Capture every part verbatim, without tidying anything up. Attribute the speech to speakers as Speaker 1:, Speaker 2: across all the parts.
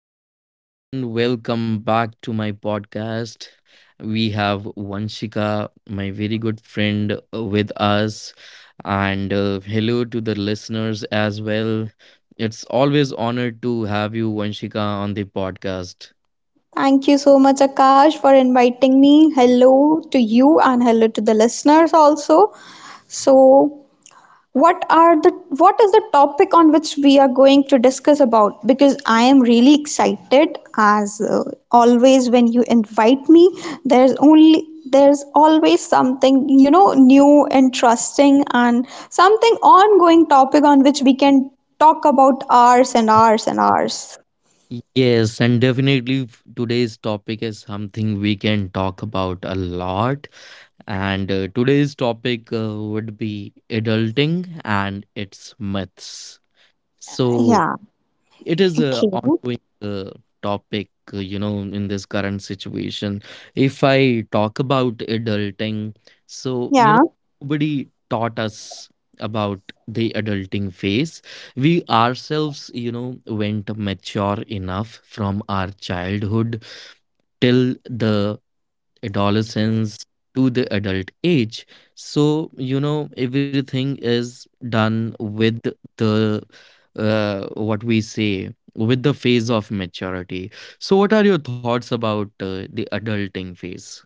Speaker 1: and everyone, welcome back to my podcast. We have Vanshika, my very good friend, uh, with us, and uh, hello to the listeners as well. It's always honor to have you, Vanshika, on the podcast.
Speaker 2: Thank you so much, Akash, for inviting me. Hello to you and hello to the listeners also. So, what are the what is the topic on which we are going to discuss about? Because I am really excited, as uh, always when you invite me. There's only there's always something you know new, interesting, and something ongoing topic on which we can talk about hours and hours and hours.
Speaker 1: Yes, and definitely f- today's topic is something we can talk about a lot. And uh, today's topic uh, would be adulting and its myths.
Speaker 2: Yeah.
Speaker 1: So, it is
Speaker 2: Okay.
Speaker 1: a ongoing uh, topic, uh, you know, in this current situation. If I talk about adulting, so,
Speaker 2: Yeah.
Speaker 1: you know, nobody taught us about the adulting phase. We ourselves, you know, went mature enough from our childhood till the adolescence to the adult age, so you know everything is done with the uh, what we say, with the phase of maturity. So, what are your thoughts about uh, the adulting phase?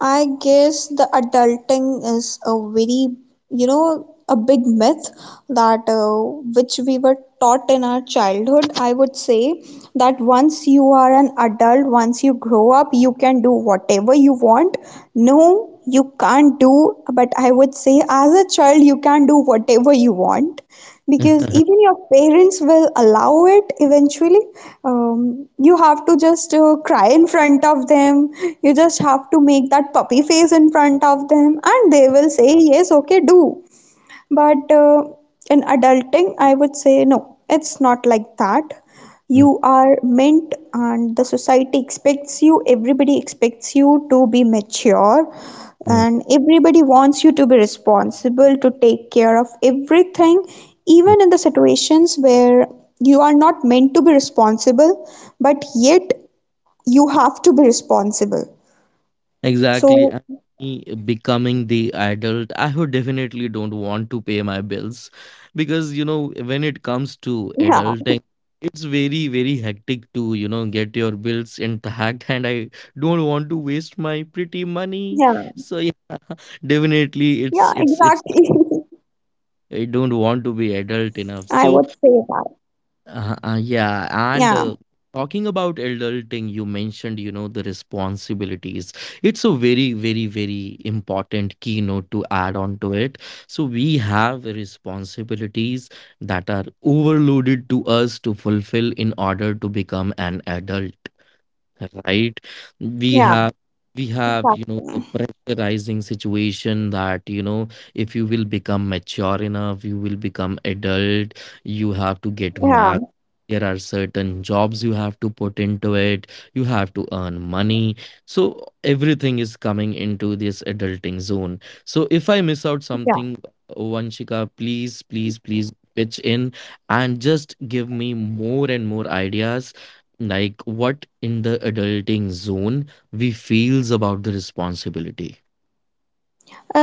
Speaker 2: I guess the adulting is a very, you know, a big myth that uh, which we were taught in our childhood. I would say that once you are an adult, once you grow up, you can do whatever you want. No, you can't do, but I would say as a child, you can do whatever you want because even your parents will allow it eventually. Um, you have to just uh, cry in front of them, you just have to make that puppy face in front of them and they will say yes, okay, do, but uh, in adulting, I would say no, it's not like that. You are meant, and the society expects you, everybody expects you to be mature, and everybody wants you to be responsible, to take care of everything, even in the situations where you are not meant to be responsible, but yet you have to be responsible.
Speaker 1: Exactly.
Speaker 2: So,
Speaker 1: And me becoming the adult, I would definitely don't want to pay my bills, because you
Speaker 2: yeah,
Speaker 1: know when it comes to adulting. It's very, very hectic to, you know, get your bills intact, and I don't want to
Speaker 2: yeah,
Speaker 1: waste my pretty money. So yeah,
Speaker 2: yeah, exactly.
Speaker 1: definitely it's it's it's I don't
Speaker 2: I
Speaker 1: want
Speaker 2: would
Speaker 1: to
Speaker 2: say
Speaker 1: be
Speaker 2: that.
Speaker 1: adult enough. So, uh, uh,
Speaker 2: Yeah.
Speaker 1: yeah, and uh, talking about adulting, you mentioned, you know, the responsibilities. It's a very, very, very important keynote to add on to it. So, we have responsibilities that are overloaded to us to fulfill in order to become an adult, right?
Speaker 2: Yeah.
Speaker 1: We have we have,
Speaker 2: Fasting.
Speaker 1: you know the pressurizing situation, that you know if you will become mature enough, you will become adult. You have to get
Speaker 2: Yeah,
Speaker 1: married. There are certain jobs you have to put into it. You have to earn money. So everything is coming into this adulting zone. So if I miss out
Speaker 2: yeah.
Speaker 1: something, oh, Vanshika, please please please pitch in and just give me more and more ideas, like what in the adulting zone we feels about the responsibility.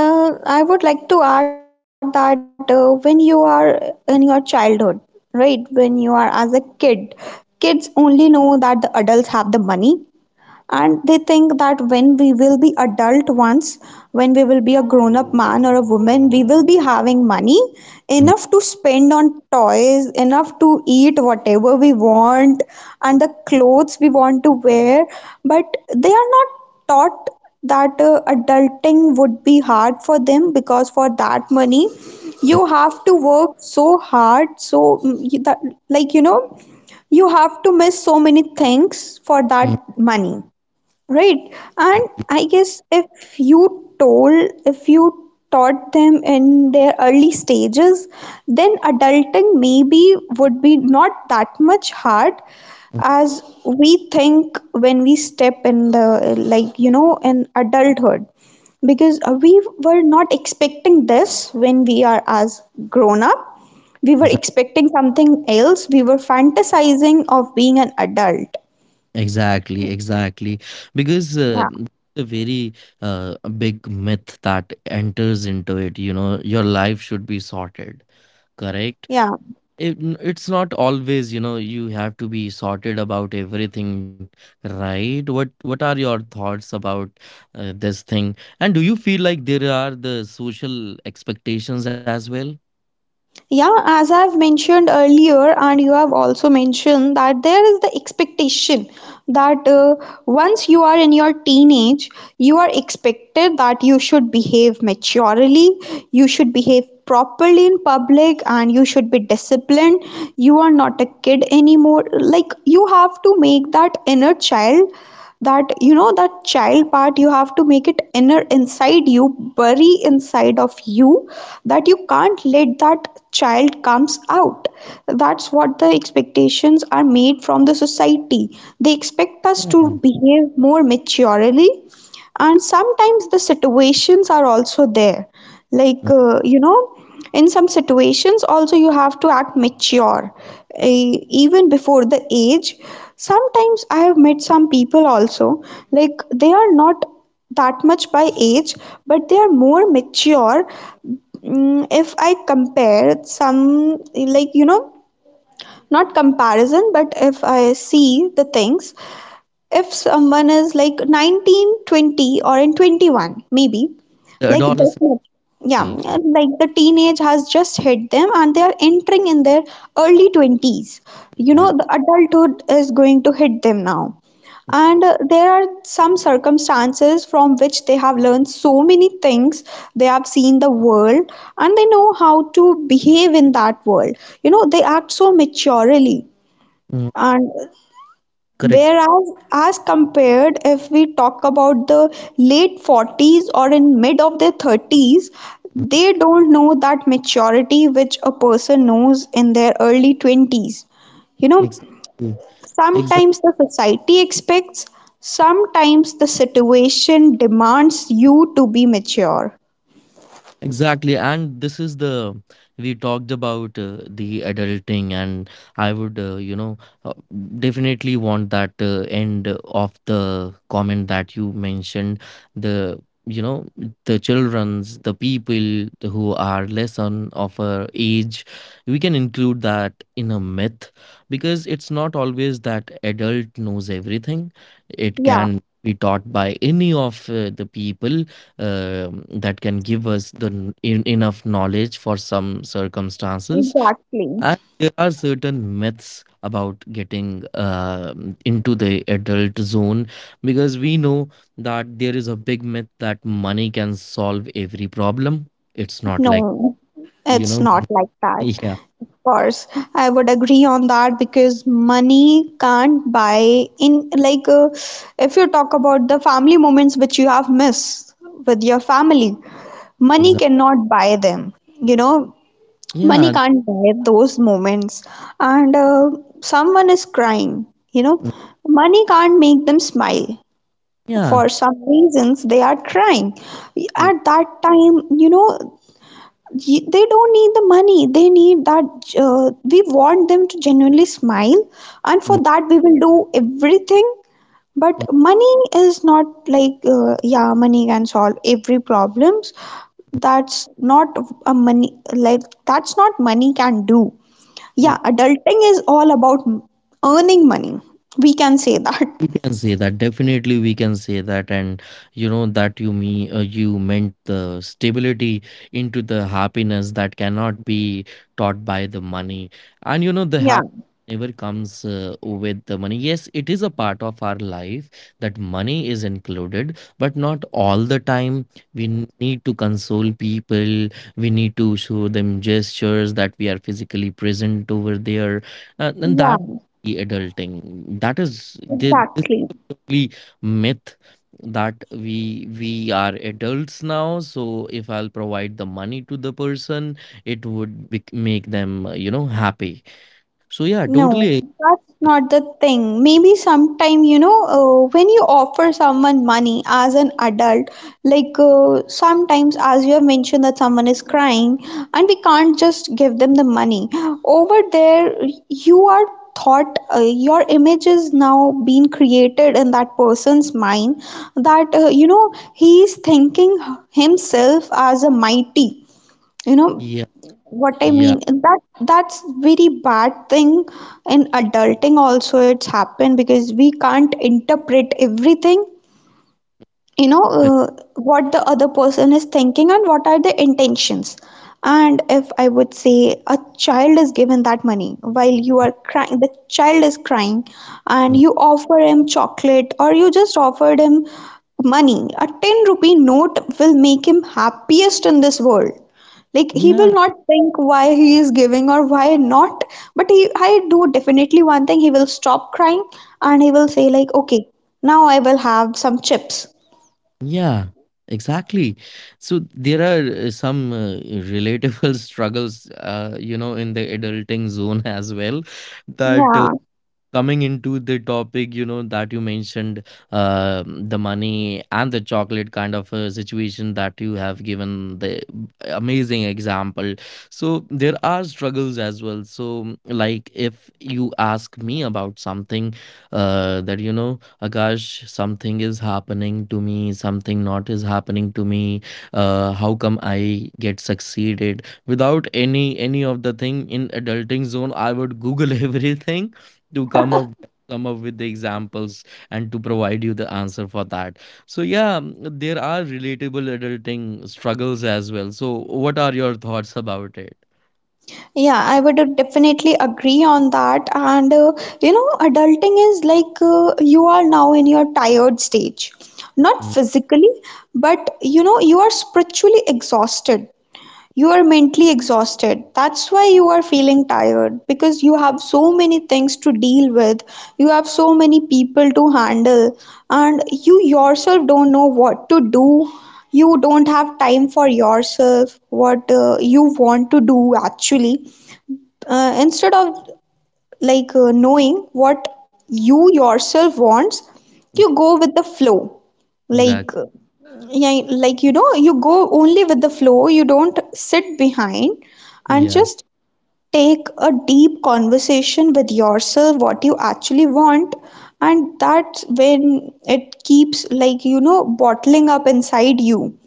Speaker 2: Uh, I would like to add that uh, when you are in your childhood, right, when you are as a kid, kids only know that the adults have the money and they think that when we will be adult, once when we will be a grown up man or a woman, we will be having money enough to spend on toys, enough to eat whatever we want and the clothes we want to wear, but they are not taught that uh, adulting would be hard for them because for that money you have to work so hard, so mm, you- that, like you know you have to miss so many things for that
Speaker 1: Yeah,
Speaker 2: money, right? And I guess if you told if you taught them in their early stages, then adulting maybe would be not that much hard as we think when we step in the, like you know in adulthood, because uh, we were not expecting this when we are as grown up, we were
Speaker 1: exa-
Speaker 2: expecting something else. We were fantasizing of being an adult.
Speaker 1: exactly, exactly. Because
Speaker 2: Yeah.
Speaker 1: uh, the very uh, big myth that enters into it, you know, your life should be sorted, correct?
Speaker 2: Yeah.
Speaker 1: it, it's not always, you know you have to be sorted about everything, right? What what are your thoughts about uh, this thing, and do you feel like there are the social expectations as well?
Speaker 2: Yeah, as I've mentioned earlier, and you have also mentioned that there is the expectation that uh, once you are in your teenage, you are expected that you should behave maturely, you should behave properly in public, and you should be disciplined. You are not a kid anymore. Like, you have to make that inner child, that you know that child part, you have to make it inner inside you, bury inside of you, that you can't let that child comes out. That's what the expectations are made from the society. They expect us to
Speaker 1: Yeah.
Speaker 2: behave more maturely, and sometimes the situations are also there,
Speaker 1: Mm.
Speaker 2: like uh, you know in some situations also you have to act mature, eh, even before the age. Sometimes I have met some people also, like they are not that much by age but they are more mature. Mm, if I compare some, like you know not comparison, but if I see the things, if someone is like nineteen, twenty, or in twenty-one maybe,
Speaker 1: The
Speaker 2: like this
Speaker 1: adolescent.
Speaker 2: much, yeah,
Speaker 1: Will. Right.
Speaker 2: like the teenage has just hit them and they are entering in their early twenties, you know
Speaker 1: Yeah.
Speaker 2: the adulthood is going to hit them now. And uh, there are some circumstances from which they have learned so many things. They have seen the world and they know how to behave in that world. You know, they act so maturely.
Speaker 1: Mm,
Speaker 2: And
Speaker 1: correct.
Speaker 2: whereas as compared, if we talk about the late forties or in mid of their thirties,
Speaker 1: Mm,
Speaker 2: they don't know that maturity which a person knows in their early twenties. You know,
Speaker 1: exactly. Exactly.
Speaker 2: sometimes the society expects, sometimes the situation demands you to be mature.
Speaker 1: Exactly, and this is the, we talked about uh, the adulting, and I would, uh, you know, uh, definitely want that uh, end of the comment that you mentioned. The you know the childrens, the people who are less on of a age, we can include that in a myth, because it's not always that adult knows everything. It
Speaker 2: Yeah,
Speaker 1: can be taught by any of uh, the people uh, that can give us the n- en- enough knowledge for some circumstances.
Speaker 2: exactly.
Speaker 1: And there are certain myths about getting um into the adult zone, because we know that there is a big myth that money can solve every problem. It's not like.
Speaker 2: No,
Speaker 1: you
Speaker 2: it's
Speaker 1: know
Speaker 2: not like that.
Speaker 1: yeah.
Speaker 2: Of course, I would agree on that because money can't buy in, like uh, if you talk about the family moments which you have missed with your family, money
Speaker 1: Exactly.
Speaker 2: cannot buy them. You know, money
Speaker 1: Yeah.
Speaker 2: can't buy those moments. And uh, someone is crying. You know, money can't make them smile.
Speaker 1: Yeah.
Speaker 2: For some reasons, they are crying. At that time, you know, ye- they don't need the money, they need that, uh, we want them to genuinely smile and for that we will do everything, but money is not like, uh, yeah, money can solve every problems, that's not, a money, like, that's not money can do. Yeah, adulting is all about m- earning money, we can say that.
Speaker 1: We can say that, definitely we can say that. And you know that you me uh, you meant the stability into the happiness that cannot be taught by the money. And you know
Speaker 2: Yeah.
Speaker 1: the happiness never comes uh, with the money. Yes, it is a part of our life, that money is included, but not all the time. We n- need to console people, we need to show them gestures that we are physically present over there, uh, and
Speaker 2: Yeah,
Speaker 1: that the adulting, that is the, this
Speaker 2: exactly.
Speaker 1: is the purely myth, that we we are adults now, so if I'll provide the money to the person, it would bec make them, uh, you know happy. So yeah, totally.
Speaker 2: No, that's not the thing. Maybe sometime, you know, uh, when you offer someone money as an adult, like uh, sometimes, as you have mentioned, that someone is crying and we can't just give them the money. Over there, you are thought, uh, your image is now being created in that person's mind that, uh, you know, he is thinking himself as a mighty, you know
Speaker 1: Yeah.
Speaker 2: what I
Speaker 1: Yeah.
Speaker 2: mean, that that's very bad thing. In adulting also it's happened, because we can't interpret everything, you know
Speaker 1: Correct.
Speaker 2: uh, what the other person is thinking and what are the intentions. And if I would say a child is given that money, while you are crying, the child is crying
Speaker 1: Mm.
Speaker 2: and you offer him chocolate or you just offered him money, a ten rupee note will make him happiest in this world. Like,
Speaker 1: Yeah.
Speaker 2: he will not think why he is giving or why not, but he, I do definitely one thing, he will stop crying and he will say like, okay, now I will have some chips.
Speaker 1: Yeah, exactly. So there are uh, some uh, relatable struggles, uh, you know in the adulting zone as well. That uh,
Speaker 2: Yeah,
Speaker 1: coming into the topic, you know that you mentioned, uh, the money and the chocolate kind of a situation that you have given the amazing example. So there are struggles as well. So, like if you ask me about something, uh, that you know Akash, something is happening to me, something not is happening to me, uh, how come I get succeeded without any any of the thing in adulting zone? I would Google everything to come up come up with the examples and to provide you the answer for that. So yeah, mm, there are relatable adulting struggles as well. So what are your thoughts about it?
Speaker 2: yeah, I would definitely agree on that. And uh, you know, adulting is like, uh, you are now in your tired stage, not
Speaker 1: Mm.
Speaker 2: physically, but you know, you are spiritually exhausted. You're mentally exhausted. That's why you are feeling tired because you have so many things to deal with. You have so many people to handle, and you yourself don't know what to do. You don't have time for yourself, what uh, you want to do actually. Uh, instead of, like uh, knowing what you yourself wants,
Speaker 1: Mm,
Speaker 2: you go with the flow,
Speaker 1: exactly.
Speaker 2: like, yeah, like you know you go only with the flow, you don't sit behind and
Speaker 1: Yeah.
Speaker 2: just take a deep conversation with yourself, what you actually want. And that's when it keeps, like you know bottling up inside you.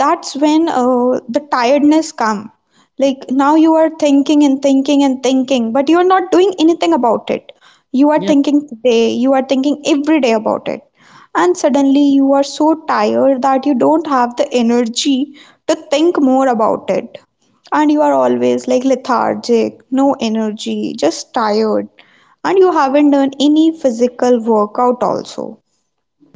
Speaker 2: That's when uh, the tiredness come. Like, now you are thinking and thinking and thinking but you are not doing anything about it. You are
Speaker 1: Yeah.
Speaker 2: thinking today, you are thinking every day about it, and suddenly you are so tired that you don't have the energy to think more about it, and you are always like lethargic, no energy, just tired, and you haven't done any physical workout also.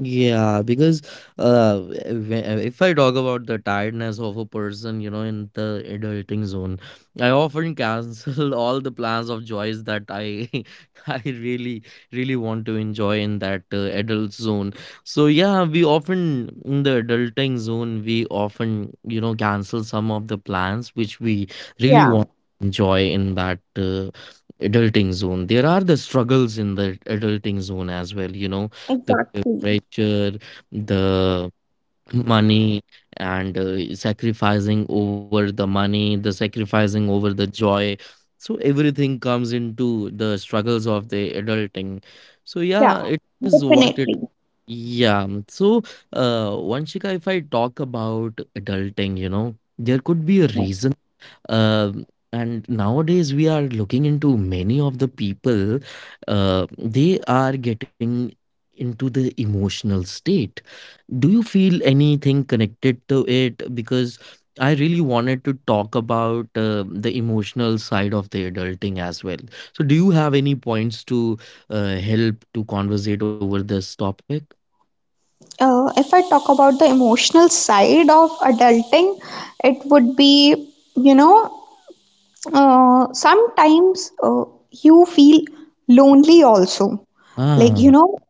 Speaker 1: Yeah, because uh, whe- if I talk about the tiredness of a person, you know, in the adulting zone, I often cancel all the plans of joys that I I really really want to enjoy in that uh, adult zone. So yeah, we often in the adulting zone we often you know cancel some of the plans which we really
Speaker 2: Yeah,
Speaker 1: want to enjoy in that uh, adulting zone. There are the struggles in the adulting zone as well, you know the
Speaker 2: exactly.
Speaker 1: pressure, the money, and uh, sacrificing over the money, the sacrificing over the joy. So everything comes into the struggles of the adulting. So yeah,
Speaker 2: Yeah,
Speaker 1: it is what it.
Speaker 2: definitely.
Speaker 1: Yeah. So, uh, Vanshika, if I talk about adulting, you know, there could be a reason, um, and nowadays we are looking into many of the people, uh, they are getting into the emotional state. Do you feel anything connected to it? Because I really wanted to talk about uh, the emotional side of the adulting as well. So, do you have any points to uh, help to conversate over this topic?
Speaker 2: Uh, if I talk about the emotional side of adulting, it would be, you know, uh, sometimes uh, you feel lonely also. Like,
Speaker 1: Ah,
Speaker 2: you know,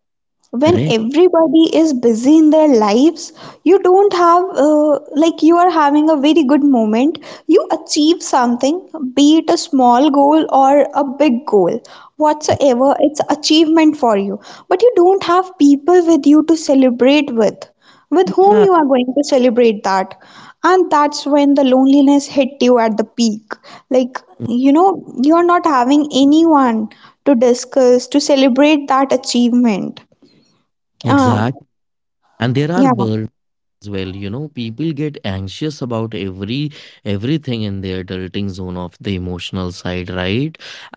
Speaker 2: when
Speaker 1: correct.
Speaker 2: everybody is busy in their lives, you don't have uh, like, you are having a very good moment, you achieve something, be it a small goal or a big goal, whatsoever it's achievement for you, but you don't have people with you to celebrate with
Speaker 1: Yeah,
Speaker 2: with
Speaker 1: exact.
Speaker 2: whom you are going to celebrate that. And that's when the loneliness hit you at the peak, like, you know, you are not having anyone to discuss, to celebrate that achievement. um,
Speaker 1: And there are
Speaker 2: yeah,
Speaker 1: as well, you know people get anxious about every everything in their adulting zone of the emotional side, right?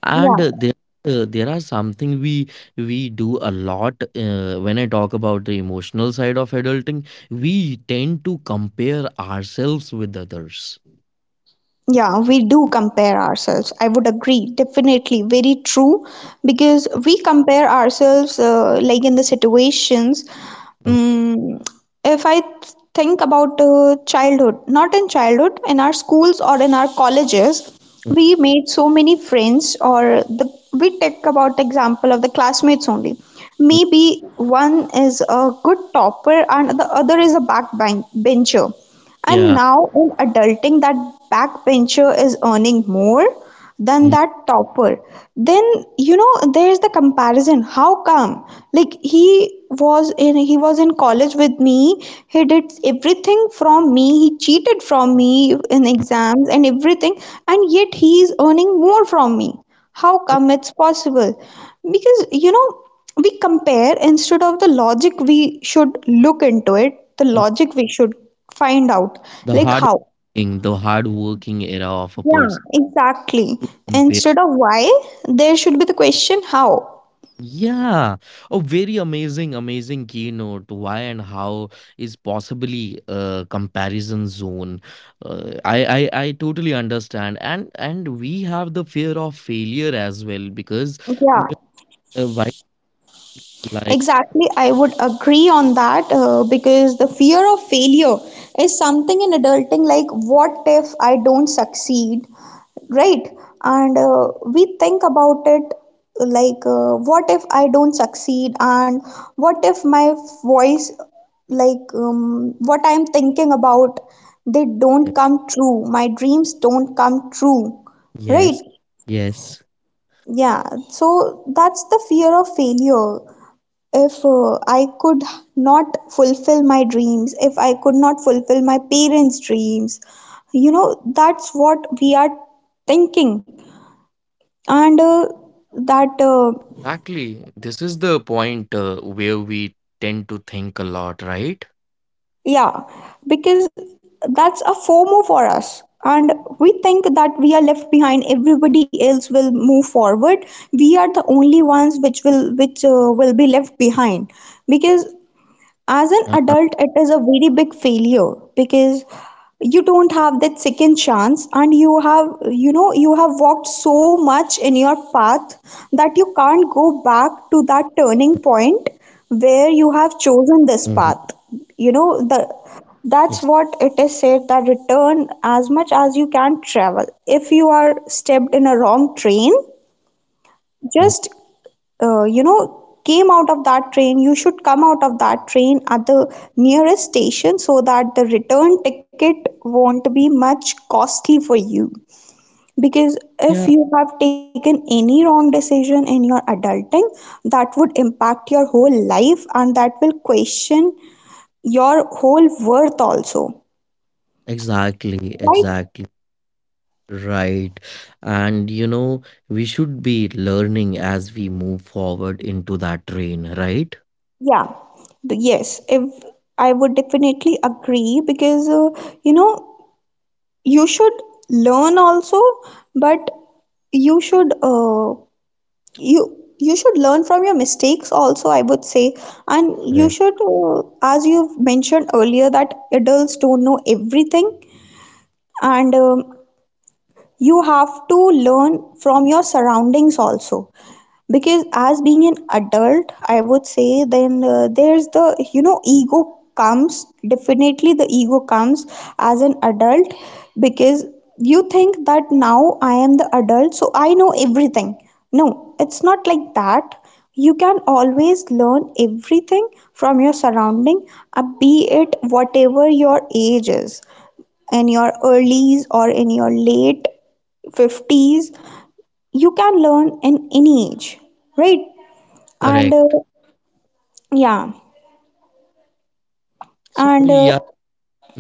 Speaker 1: And uh, there
Speaker 2: yeah,
Speaker 1: uh, there are something we we do a lot, uh, when I talk about the emotional side of adulting, we tend to compare ourselves with others.
Speaker 2: yeah, we do compare ourselves. I would agree, definitely, very true, because we compare ourselves, uh, like in the situations. Um, if I th- think about uh, childhood, not in childhood, in our schools or in our colleges, we made so many friends, or the we take about the example of the classmates only. Maybe one is a good topper and the other is a backbencher.
Speaker 1: Yeah.
Speaker 2: And now in adulting, that backbencher is earning more than that topper. Then, you know, there's the comparison. How come? Like he was in he was in college with me. He did everything from me. He cheated from me in exams and everything. And yet he is earning more from me. How come it's possible? Because, you know, we compare instead of the logic we should look into it, the
Speaker 1: Mm.
Speaker 2: logic we should find out.
Speaker 1: the
Speaker 2: Like
Speaker 1: hard
Speaker 2: how?
Speaker 1: working the hard working era of a
Speaker 2: Yeah,
Speaker 1: person,
Speaker 2: exactly.
Speaker 1: compare.
Speaker 2: Instead of why, there should be the question how.
Speaker 1: Yeah, a very amazing, amazing keynote. Why and how is possibly a comparison zone. Uh, I, I, I totally understand, and and we have the fear of failure as well. Because
Speaker 2: Yeah,
Speaker 1: uh, why, like,
Speaker 2: exactly. I would agree on that uh, because the fear of failure is something in adulting, like, what if I don't succeed? Right. And uh, we think about it, like uh, what if I don't succeed, and what if my voice, like um, what I'm thinking about, they don't come true, my dreams don't come true, right?
Speaker 1: yes, yes,
Speaker 2: Yeah. So that's the fear of failure. If uh, I could not fulfill my dreams, if I could not fulfill my parents dreams, you know, that's what we are thinking. And uh, that uh,
Speaker 1: exactly. This is the point uh, where we tend to think a lot, right?
Speaker 2: yeah, because that's a FOMO for us, and we think that we are left behind, everybody else will move forward, we are the only ones which will which uh, will be left behind, because
Speaker 1: uh,
Speaker 2: as an adult it is a very big failure, because you don't have that second chance and you have, you know, you have walked so much in your path that you can't go back to that turning point where
Speaker 1: mhm.
Speaker 2: you have chosen this path. You know,
Speaker 1: ex-
Speaker 2: the that's what it is said, that return as much as you can travel if you are stepped in a wrong train.
Speaker 1: mhm.
Speaker 2: Just uh, you know, came out of that train, you should come out of that train at the nearest station, so that the return ticket won't be much costly for you, because
Speaker 1: Yeah,
Speaker 2: if you have taken any wrong decision in your adulting, that would impact your whole life, and that will question your whole worth also,
Speaker 1: exactly, exactly.
Speaker 2: right?
Speaker 1: Right. And you know, we should be learning as we move forward into that train, right?
Speaker 2: Yeah. Yes, if I would definitely agree, because uh, you know, you should learn also, but you should uh, you you should learn from your mistakes also, I would say. And
Speaker 1: Correct.
Speaker 2: you should, uh, as you've mentioned earlier, that adults don't know everything. And um, you have to learn from your surroundings also, because as being an adult, I would say, then uh, there's the, you know, ego comes, definitely the ego comes as an adult, because you think that now I am the adult, so I know everything. No, it's not like that. You can always learn everything from your surrounding, uh, be it whatever your age is, in your earlies or in your late fifties, you can learn in any age, right? and
Speaker 1: Correct.
Speaker 2: uh, yeah
Speaker 1: So
Speaker 2: and
Speaker 1: yeah,
Speaker 2: uh,
Speaker 1: mm,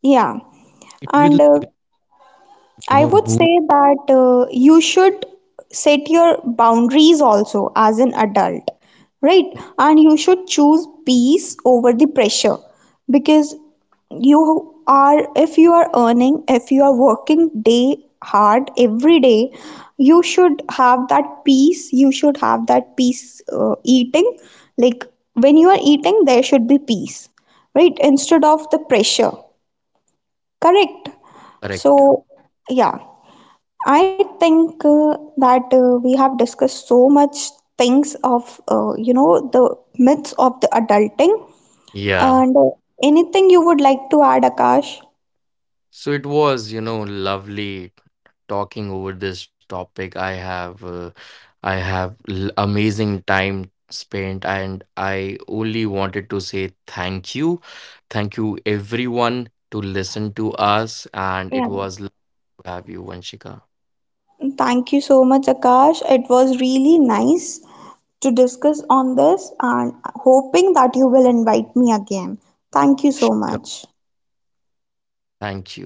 Speaker 2: yeah
Speaker 1: it will,
Speaker 2: and uh,
Speaker 1: you know,
Speaker 2: I would
Speaker 1: boost.
Speaker 2: say that uh, you should set your boundaries also as an adult, right? And you should choose peace over the pressure, because you are, if you are earning, if you are working day, hard every day, you should have that peace. You should have that peace uh, eating. Like, when you are eating, there should be peace, right? Instead of the pressure, correct?
Speaker 1: Correct.
Speaker 2: So, yeah. I think uh, that uh, we have discussed so much things of, uh, you know the myths of the adulting.
Speaker 1: Yeah.
Speaker 2: And uh, anything you would like to add, Akash?
Speaker 1: So it was, you know, lovely talking over this topic. I have, uh, I have l- amazing time spent, and I only wanted to say thank you, thank you everyone to listen to us, and it
Speaker 2: Yeah.
Speaker 1: was lovely to have you, Vanshika.
Speaker 2: Thank you so much, Akash. It was really nice to discuss on this and hoping that you will invite me again. Thank you so
Speaker 1: Sure,
Speaker 2: much.
Speaker 1: thank you.